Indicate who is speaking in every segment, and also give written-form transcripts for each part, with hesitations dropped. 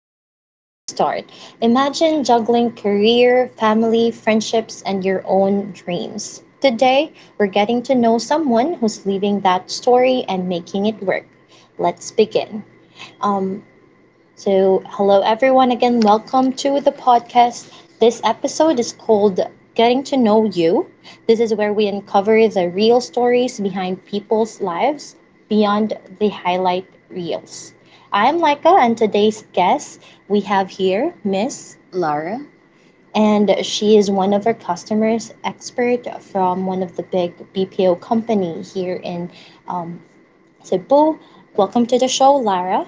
Speaker 1: before we start, imagine juggling career, family, friendships, and your own dreams. Today, we're getting to know someone who's living that story and making it work. Let's begin. Um, so, hello everyone again. Welcome to the podcast. This episode is called Getting to Know You. This is where we uncover the real stories behind people's lives beyond the highlight reels. I'm Laika, and today's guest we have here, Miss Lara. And she is one of our customers expert from one of the big BPO company here in Cebu. Welcome to the show, Lara.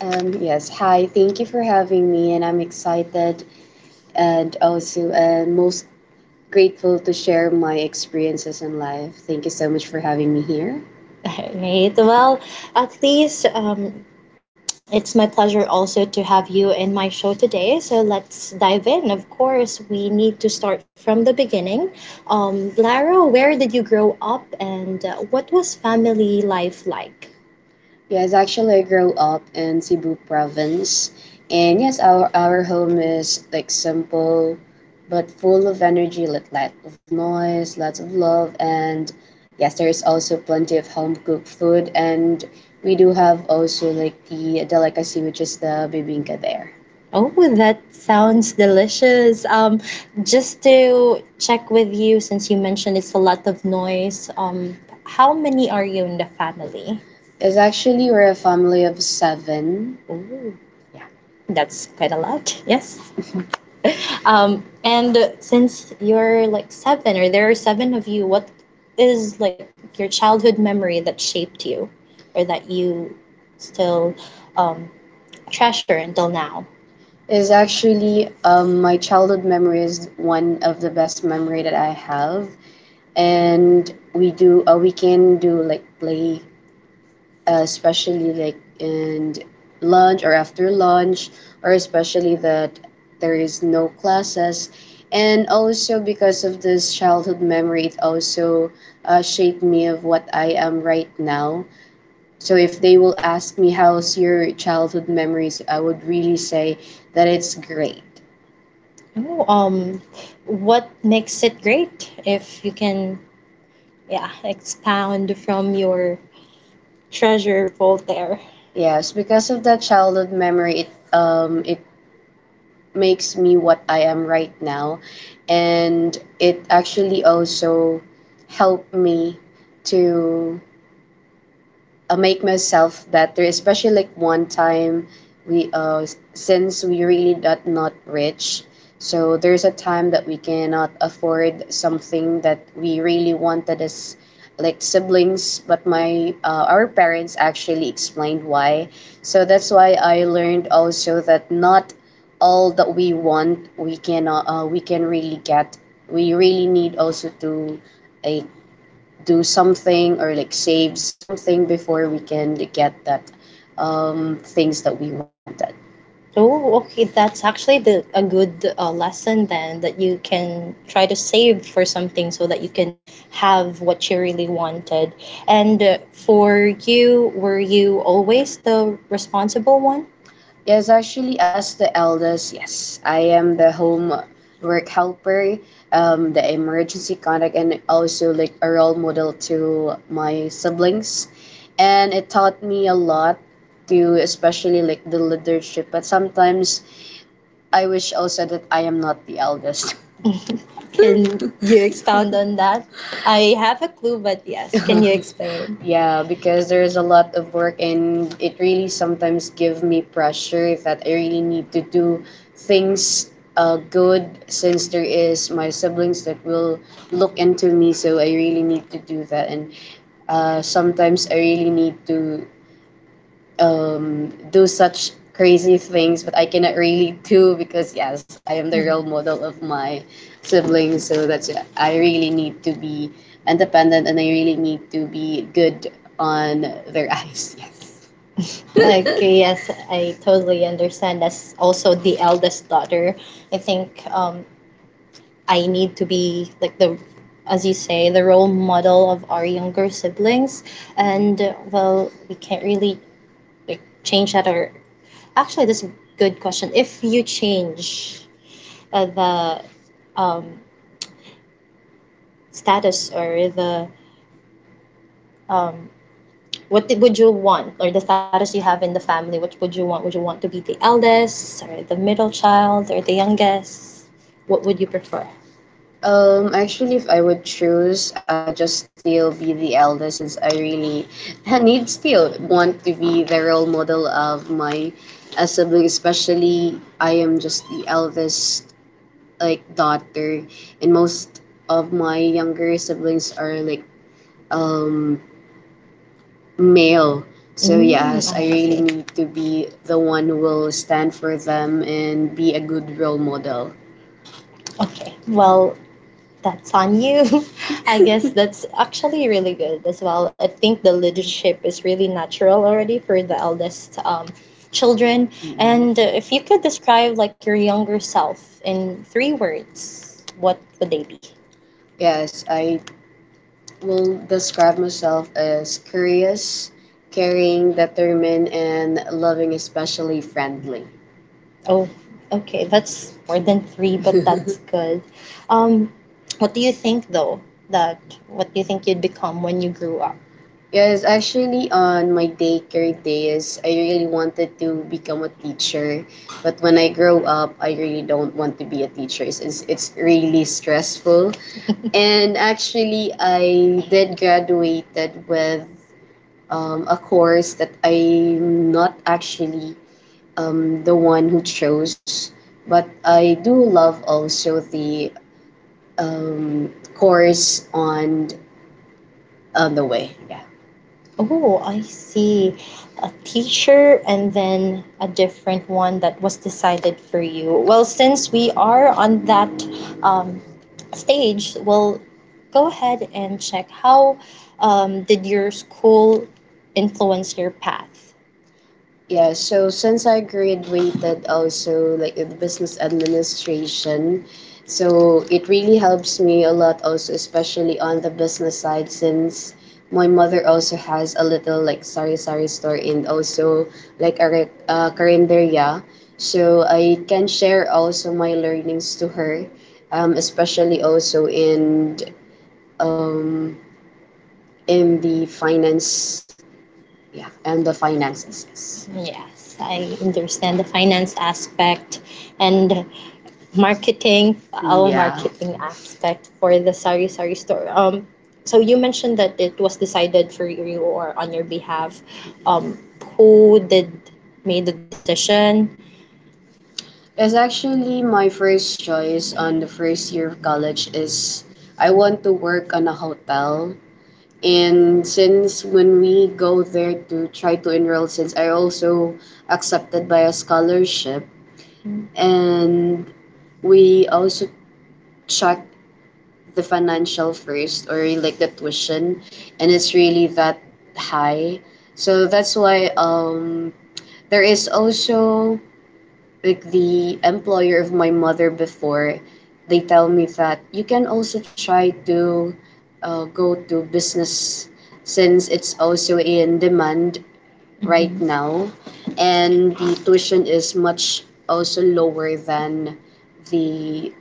Speaker 1: Yes, hi. Thank you for having me, and I'm excited and also most grateful to share my experiences in life. Thank you so much for having me here. All right. Well, at least it's my pleasure also to have you in my show today. So let's dive in. Of course, we need to start from the beginning. Lara, where did you grow up and what was family life like? Yes, actually, I grew up in Cebu province. And yes, our home is like simple but full of energy, like lot of noise, lots of love. And yes, there is also plenty of home cooked food. And we do have also like the delicacy, which is the bibingka there. Oh, that sounds delicious. Just to check with you, since you mentioned it's a lot of noise, how many are you in the family? It's actually we're a family of seven. Oh, yeah, that's quite a lot. Yes. And since you're like seven, or there are seven of you, what is like your childhood memory that shaped you, or that you still um, treasure until now? It's actually my childhood memory is one of the best memory that I have, and we do we can do like play especially like in lunch or after lunch, or especially that there is no classes. And also because of this childhood memory, it also shaped me of what I am right now. So if they will ask me how's your childhood memories, I would really say that it's great. Oh, what makes it great? If you can, yeah, expound from your treasure Voltaire. Yes, because of that childhood memory, it makes me what I am right now, and it actually also helped me to make myself better, especially like one time we since we really not rich. So there's a time that we cannot afford something that we really wanted as like siblings, but my our parents actually explained why. So that's why I learned also that not all that we want we can really get. We really need also to a do something or like save something before we can get that things that we wanted. Oh, okay. That's actually the a good lesson then that you can try to save for something so that you can have what you really wanted. And for you, were you always the responsible one? Yes, actually, as the eldest, yes, I am the home work helper, the emergency contact, and also like a role model to my siblings. And it taught me a lot to especially like the leadership. But sometimes I wish also that I am not the eldest. Can you expound on that? I have a clue, but yes, can you explain? Yeah, because there's a lot of work and it really sometimes give me pressure that I really need to do things good since there is my siblings that will look into me so I really need to do that and sometimes I really need to do such crazy things, but I cannot really do because yes, I am the role model of my siblings. So that's it. I really need to be independent and I really need to be good on their eyes. Yes. Okay, yes, I totally understand. As also the eldest daughter, I think I need to be like the, as you say, the role model of our younger siblings, and well, we can't really like change that or actually that's a good question if you change the status or the um, what would you want or the status you have in the family, what would you want, would you want to be the eldest or the middle child or the youngest, what would you prefer? Actually, if I would choose, I would just still be the eldest since I really need still want to be the role model of my sibling, especially I am just the eldest like daughter, and most of my younger siblings are like um male. So Mm, yes, I really see. Need to be the one who will stand for them and be a good role model. Okay. Well, that's on you. I guess that's actually really good as well. I think the leadership is really natural already for the eldest children. And if you could describe like your younger self in three words, what would they be? Yes, I will describe myself as curious, caring, determined, and loving, especially friendly. Oh, okay. That's more than three, but that's good. Um, what do you think though? That What do you think you'd become when you grew up? Yes, actually, on my daycare days, I really wanted to become a teacher. But when I grow up, I really don't want to be a teacher. It's really stressful. And actually, I did graduated with a course that I'm not actually the one who chose. But I do love also the course on the way. Yeah. Oh, I see. A teacher and then a different one that was decided for you. Well, since we are on that um, stage, we'll go ahead and check how did your school influence your path? Yeah, so since I graduated also like in business administration, so it really helps me a lot also especially on the business side since my mother also has a little like sari sari store and also like a karinderya. So I can share also my learnings to her, especially also um, in the finance yeah, and the finances. Yes. Yes, I understand the finance aspect and marketing, our Yeah. marketing aspect for the Sari Sari store. So you mentioned that it was decided for you or on your behalf. Um, who did made the decision? It's actually my first choice on the first year of college is I want to work on a hotel and since when we go there to try to enroll, since I also accepted by a scholarship, and we also check the financial first or like the tuition, and it's really that high. So that's why there is also like the employer of my mother before, they tell me that you can also try to go to business since it's also in demand right now and the tuition is much also lower than the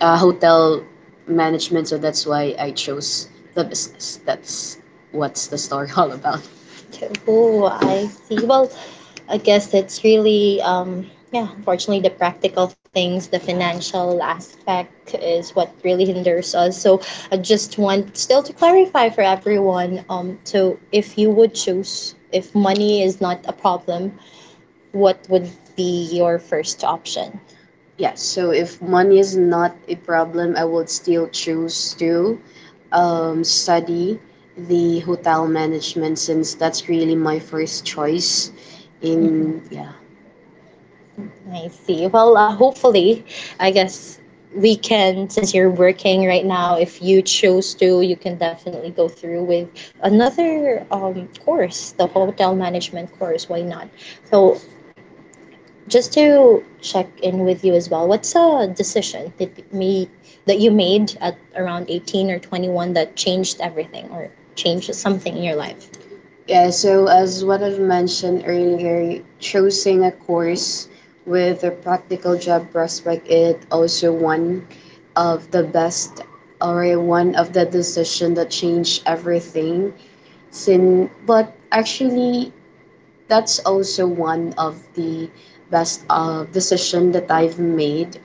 Speaker 1: hotel management, so that's why I chose the business. That's what's the story all about. Oh, I see. Well, I guess it's really, yeah, unfortunately, the practical things, the financial aspect is what really hinders us. So I just want still to clarify for everyone. So if you would choose, if money is not a problem, what would be your first option? Yeah, so if money is not a problem, I would still choose to study the hotel management since that's really my first choice. In yeah, I see. Well, hopefully, I guess we can, since you're working right now, if you choose to, you can definitely go through with another course, the hotel management course. Why not? So, just to check in with you as well, what's a decision that me that you made at around 18 or 21 that changed everything or changed something in your life? Yeah, so as what I've mentioned earlier, choosing a course with a practical job prospect is also one of the best or one of the decision that changed everything. But actually, that's also one of the best decision that I've made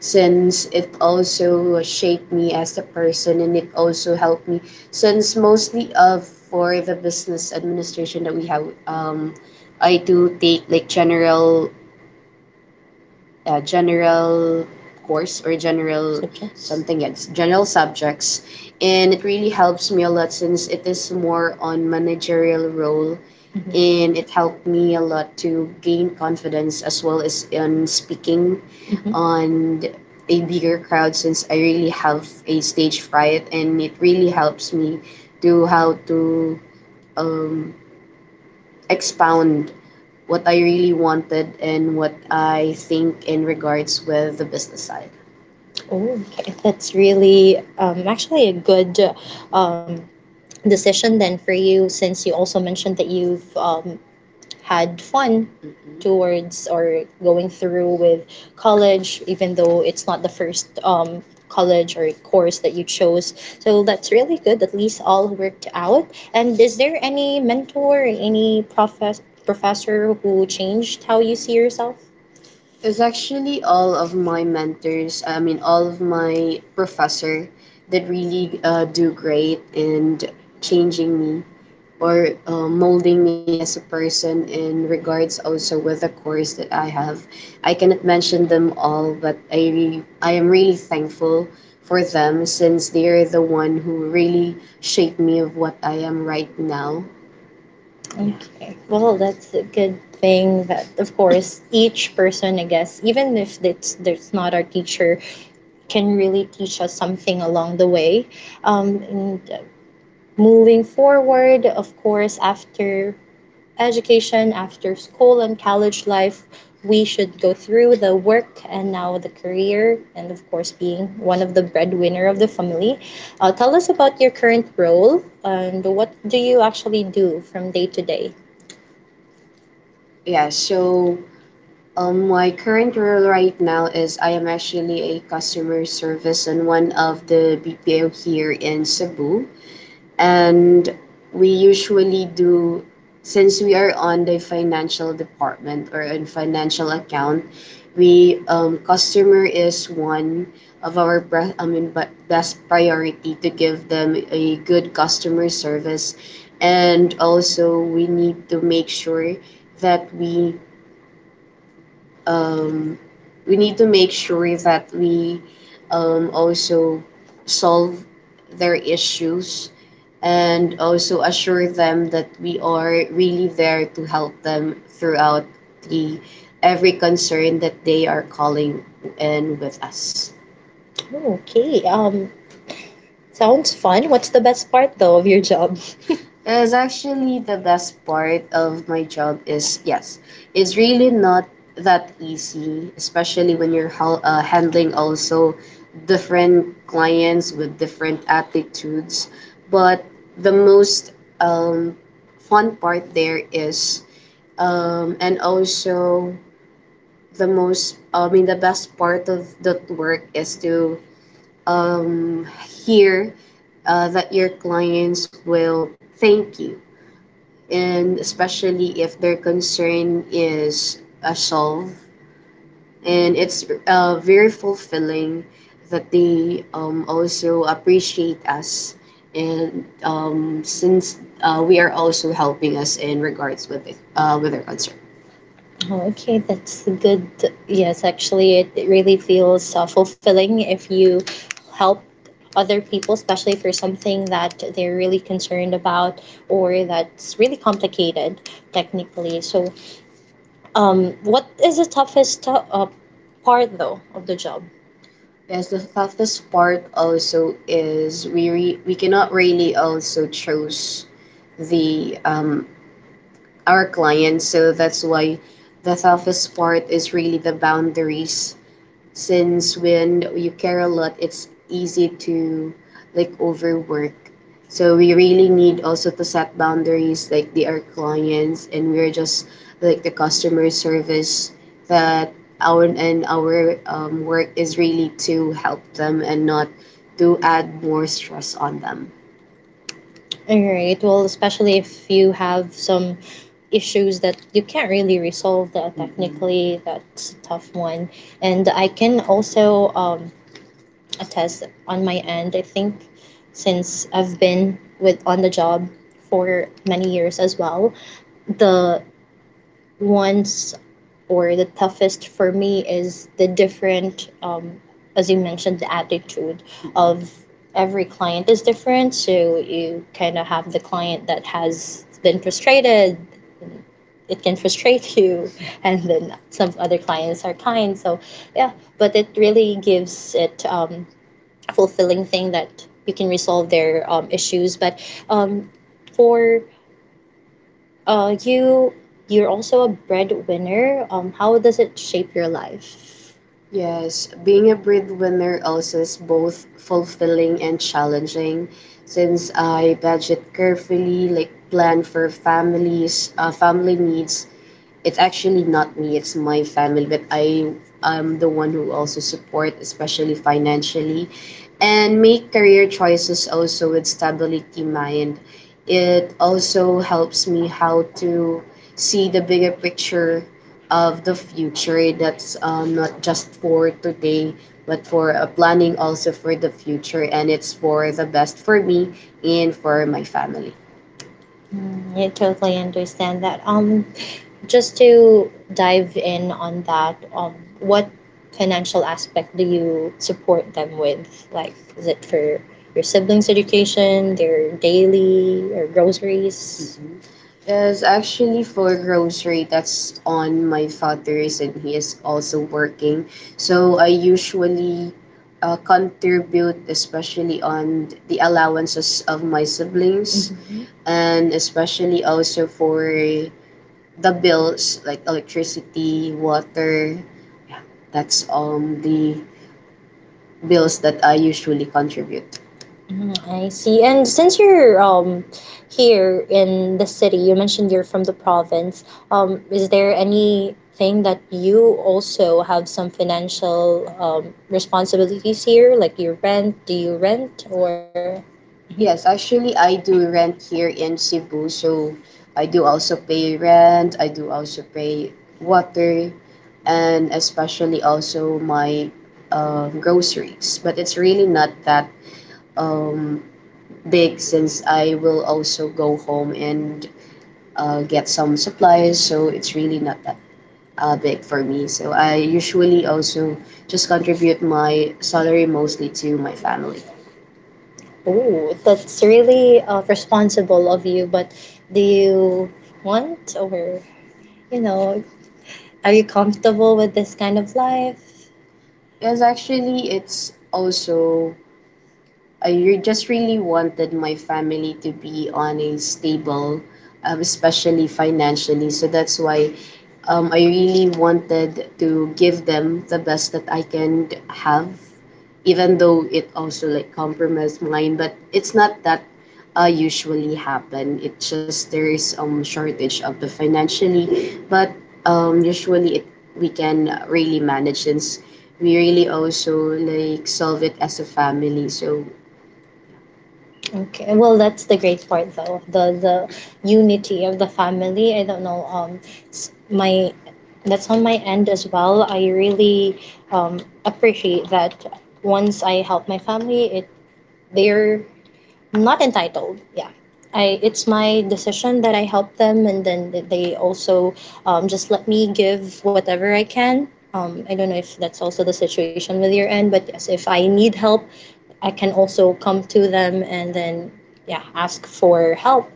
Speaker 1: since it also shaped me as a person and it also helped me since mostly of for the business administration that we have I do take like general general course or general Subjects. Something yes general subjects and it really helps me a lot since it is more on managerial role. Mm-hmm. And it helped me a lot to gain confidence as well as on speaking. Mhm. On a bigger crowd since I really have a stage fright and it really helps me to how to expound what I really wanted and what I think in regards with the business side. Oh, okay. That's really actually a good decision then for you, since you also mentioned that you've had fun towards or going through with college, even though it's not the first college or course that you chose. So that's really good. At least all worked out. And is there any mentor, any professor who changed how you see yourself? It's actually all of my mentors, I mean, all of my professor that really do great in changing me or molding me as a person in regards also with the course that I have. I cannot mention them all, but I am really thankful for them since they are the one who really shaped me of what I am right now. Okay. Well, that's a good thing that, of course, each person, I guess, even if it's there's not our teacher, can really teach us something along the way. And Moving forward, of course, after education, after school and college life, we should go through the work and now the career, and of course, being one of the breadwinner of the family. Tell us about your current role and what do you actually do from day to day? Yeah, so my current role right now is I am actually a customer service on one of the BPO here in Cebu. And we usually do, since we are on the financial department or in financial account, we customer is one of our pre- I mean, but best priority to give them a good customer service. And also we need to make sure that um, we need to make sure that we also solve their issues and also assure them that we are really there to help them throughout the every concern that they are calling in with us. Okay. Sounds fun. What's the best part though of your job? Is actually the best part of my job is yes, it's really not that easy, especially when you're handling also different clients with different attitudes. But the most um, fun part there is, and also the most, I mean, the best part of that work is to here that your clients will thank you. And especially if their concern is solved. And it's very fulfilling that they also appreciate us. And since we are also helping us in regards with their concern. Okay, that's good. Yes, actually, it really feels fulfilling if you help other people, especially for something that they're really concerned about or that's really complicated technically. So, what is the toughest uh, part though of the job? Yes, the toughest part also is we cannot really also choose the our clients. So that's why the toughest part is really the boundaries. Since when you care a lot, it's easy to like overwork. So we really need also to set boundaries like they are clients and we're just like the customer service that our work is really to help them and not to add more stress on them. All right. Well, especially if you have some issues that you can't really resolve Mhm. Technically, that's a tough one. And I can also attest on my end, I think since I've been with on the job for many years as well, the ones or the toughest for me is the different as you mentioned, the attitude of every client is different. So you kind of have the client that has been frustrated. It can frustrate you, and then some other clients are kind. So yeah, but it really gives it a fulfilling thing that you can resolve their issues. But um, for uh, you, you're also a breadwinner. How does it shape your life? Yes, being a breadwinner also is both fulfilling and challenging since I budget carefully, like plan for families, family needs, it's actually not me, it's my family, but I am the one who also support, especially financially, and make career choices also with stability mind. It also helps me how to see the bigger picture of the future that's not just for today but for planning also for the future and it's for the best for me and for my family. I totally understand that. Just to dive in on that, what financial aspect do you support them with? Like, is it for your siblings' education, their daily or groceries? Is actually for grocery that's on my father's and he is also working, so I usually contribute especially on the allowances of my siblings. Mhm. And especially also for the bills like electricity, water, that's the bills that I usually contribute. Mm, I see. And since you're here in the city, you mentioned you're from the province. Is there anything that you also have some financial responsibilities here? Like you rent? Do you rent or? Yes, actually, I do rent here in Cebu, so I do also pay rent, I do also pay water, and especially also my groceries. But it's really not that um, big since I will also go home and get some supplies. So it's really not that big for me. So I usually also just contribute my salary mostly to my family. Oh, that's really responsible of you, but do you want or, you know, are you comfortable with this kind of life? Yes, actually, it's also just really wanted my family to be on a stable, especially financially. So that's why I really wanted to give them the best that I can have, even though it also like compromised mine. But it's not that usually happen. It just there is shortage of the financially, but usually it we can really manage since we really also like solve it as a family. So okay. Well, that's the great part, though the unity of the family. I don't know. S- my That's on my end as well. I really appreciate that. Once I help my family, it they're not entitled. Yeah. I, it's my decision that I help them, and then they also just let me give whatever I can. I don't know if that's also the situation with your end, but yes, if I need help, I can also come to them and then yeah, ask for help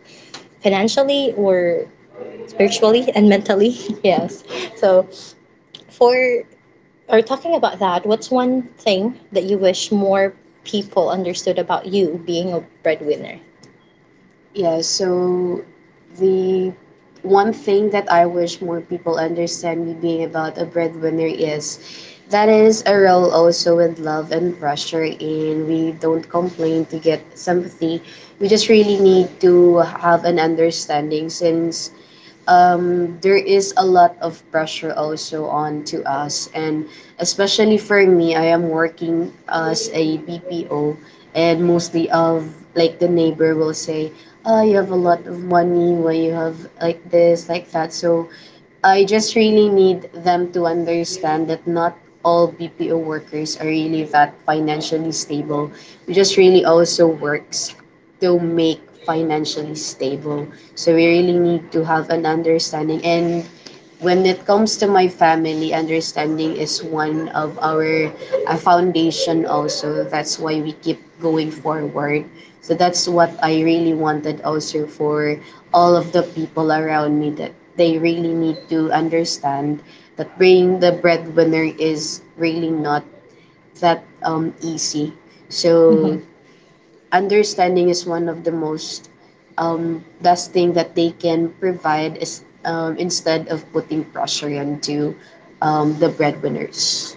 Speaker 1: financially or spiritually and mentally. Yes. So for or talking about that, what's one thing that you wish more people understood about you being a breadwinner? Yeah, so the one thing that I wish more people understand me being about a breadwinner is that is a role also with love and pressure, and we don't complain to get sympathy. We just really need to have an understanding since there is a lot of pressure also on to us, and especially for me I am working as a BPO and mostly of like the neighbor will say, ah, you have a lot of money, why you have like this like that. So I just really need them to understand that not all BPO workers are really that financially stable. We just really also works to make financially stable. So we really need to have an understanding. And when it comes to my family, understanding is one of our foundation also. That's why we keep going forward. So that's what I really wanted also for all of the people around me, that they really need to understand that being the breadwinner is really not that easy. So mhm, understanding is one of the most best thing that they can provide is instead of putting pressure onto the breadwinners.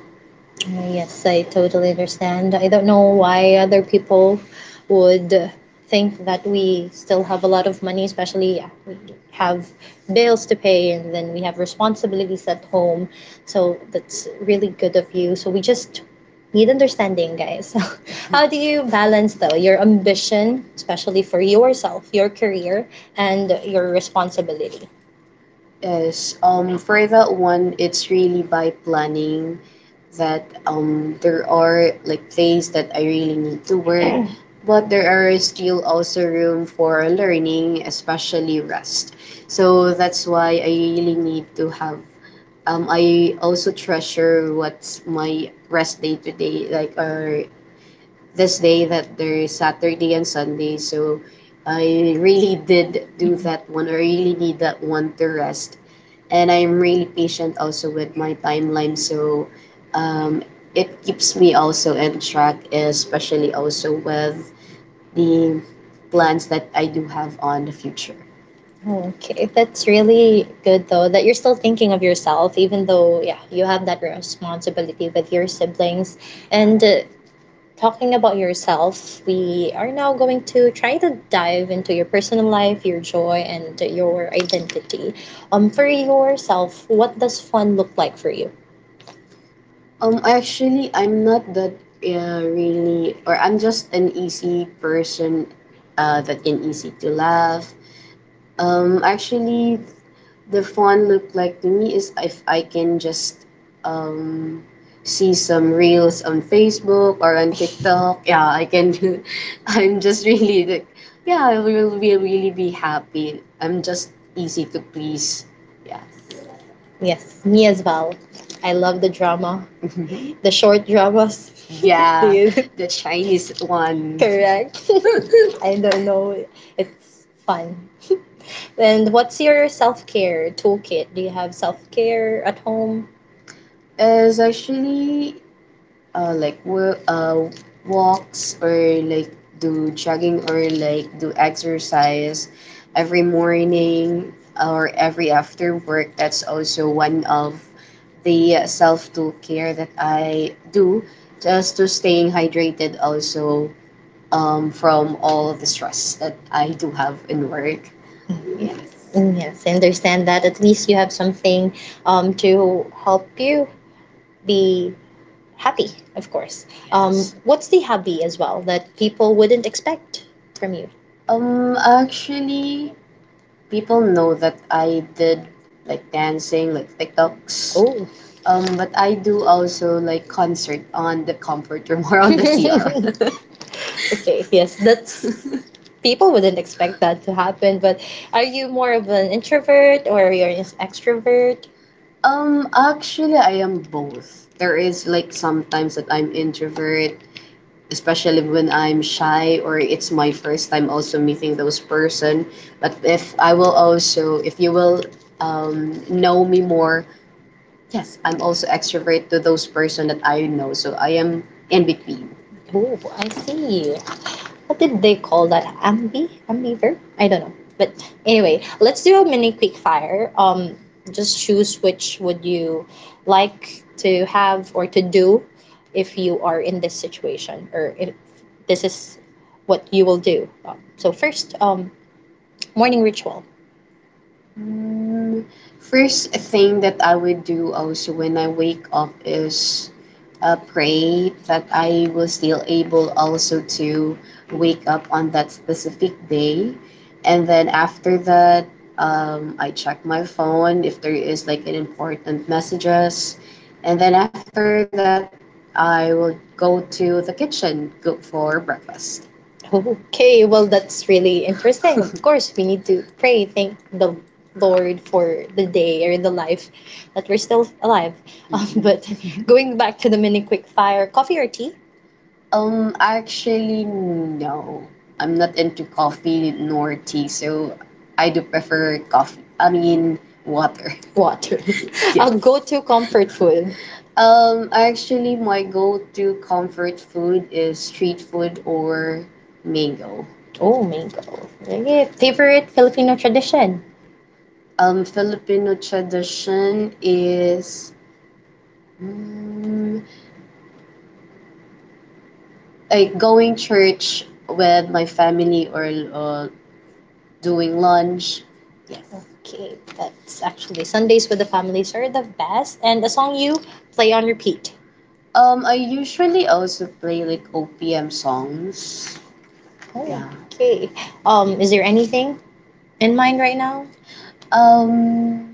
Speaker 1: Yes, I totally understand. I don't know why other people would think that we still have a lot of money, especially yeah, we have bills to pay and then we have responsibilities at home. So that's really good of you. So we just need understanding, guys. How do you balance, though, your ambition, especially for yourself, your career, and your responsibility? Yes, for that one, it's really by planning that there are like things that I really need to work, but there are still also room for learning, especially rest. So that's why I really need to have I also treasure what's my rest day today, like or this day that there is Saturday and Sunday. So I really did do that one. I really need that one to rest. And I'm really patient also with my timeline. So um, it keeps me also in track, especially also with the plans that I do have on the future. Okay, that's really good though that you're still thinking of yourself, even though, yeah, you have that responsibility with your siblings. And Talking about yourself, we are now going to try to dive into your personal life, your joy, and your identity. For yourself, what does fun look like for you? Actually, I'm not that really, or I'm just an easy person that can easy to laugh. Actually, the fun look like to me is if I can just um, see some reels on Facebook or on TikTok, yeah, I can do. I'm just really like, yeah, I will be really be happy. I'm just easy to please. Yeah. Yes, me as well. I love the drama, the short dramas. Yeah. Dude, the Chinese one. Correct. I don't know. It's fun. And what's your self care toolkit? Do you have self care at home? Is actually uh, like wo- uh, walks, or like do jogging, or like do exercise every morning or every after work, that's also one of the self to care that I do, just to staying hydrated also, from all the stress that I do have in work. Mm, yes, I understand that. At least you have something to help you be happy, of course. Yes. What's the hobby as well that people wouldn't expect from you? Actually, people know that I did like dancing, like TikToks. Oh. But I do also like concert on the comfort room or on the CR. Okay, yes, that's people wouldn't expect that to happen. But are you more of an introvert or you are an extrovert? Actually, I am both. There is like sometimes that I'm introvert, especially when I'm shy or it's my first time also meeting those person. But if I will also, if you will know me more, yes, I'm also extrovert to those person that I know. So I am in between. Oh, I see, what did they call that? Ambi? Ambiver? I don't know. But anyway, let's do a mini quick fire. Just choose which would you like to have or to do if you are in this situation or if this is what you will do. So first, morning ritual. Mm, first thing that I would do also when I wake up is pray that I was still able also to wake up on that specific day. And then after that, I check my phone if there is like an important messages. And then after that, I will go to the kitchen, cook for breakfast. Okay, well, that's really interesting. Of course, we need to pray, thank the Lord for the day or the life that we're still alive. But going back to the mini quick fire, coffee or tea? Actually, no. I'm not into coffee nor tea, so I do prefer coffee. I mean, water. Water. Yes. I'll go to comfort food. Actually, my go-to comfort food is street food or mango. Oh, mango. Yeah, favorite Filipino tradition? Filipino tradition is mm, like going church with my family or uh, doing lunch. Yes. Okay, that's actually Sundays with the families are the best. And the song you play on repeat. I usually also play like OPM songs. Oh, yeah. Okay. Is there anything in mind right now? Um,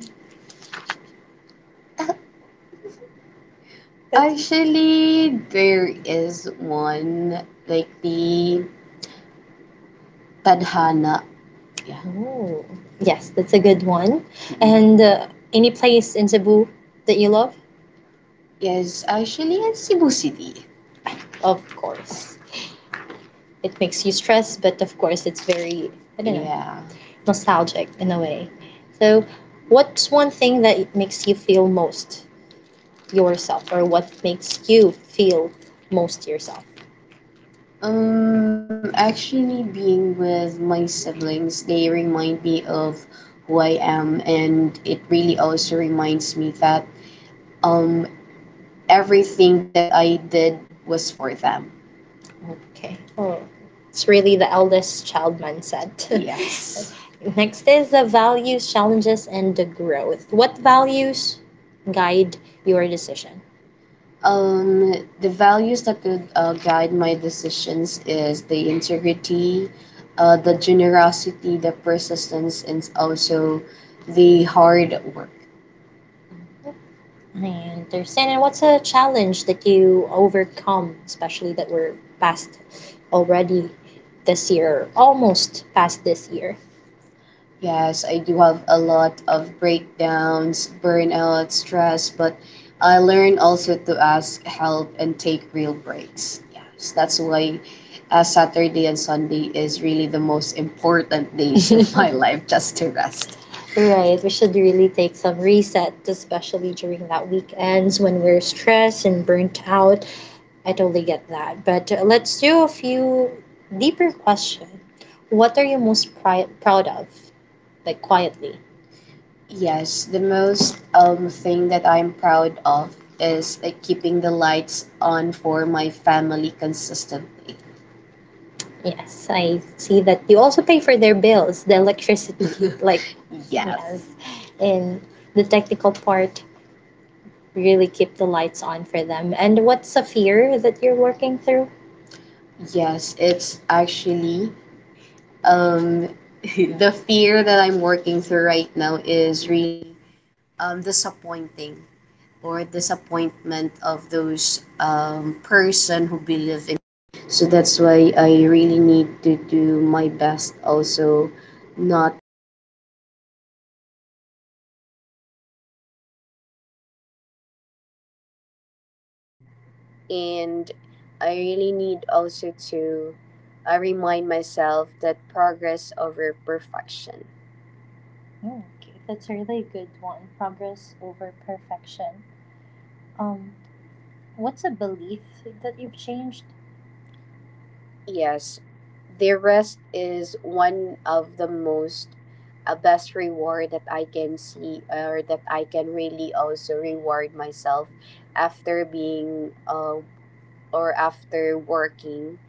Speaker 1: Actually, there is one like the Tadhana. Yeah. Oh, yes, that's a good one. And Any place in Cebu that you love? Yes, actually, in Cebu City. Of course. It makes you stress, but of course, it's very, I don't know, yeah, nostalgic in a way. So, what's one thing that makes you feel most yourself, or what makes you feel most yourself? Actually, being with my siblings, they remind me of who I am, and it really also reminds me that um, everything that I did was for them. Okay. Oh, it's really the eldest child mindset. Yes. Next is the values, challenges, and the growth. What values guide your decision? Um, the values that would guide my decisions is the integrity, the generosity, the persistence, and also the hard work. I understand. And what's a challenge that you overcome, especially that we're past already this year, almost past this year? Yes, I do have a lot of breakdowns, burnout, stress, but I learn also to ask help and take real breaks. Yes, that's why Saturday and Sunday is really the most important days of my life just to rest. Right, we should really take some reset, especially during that weekends when we're stressed and burnt out. I totally get that. But let's do a few deeper question. What are you most proud of? Like quietly? Yes, the most thing that I'm proud of is like keeping the lights on for my family consistently. Yes, I see that you also pay for their bills, the electricity, like. Yes, yes, and the technical part really keep the lights on for them. And what's a fear that you're working through? Yes, it's actually um the fear that I'm working through right now
Speaker 2: And I really need also to remind myself that progress over perfection. Yes, the rest is one of the most best reward that I can see, or that I can really also reward myself after being or after working.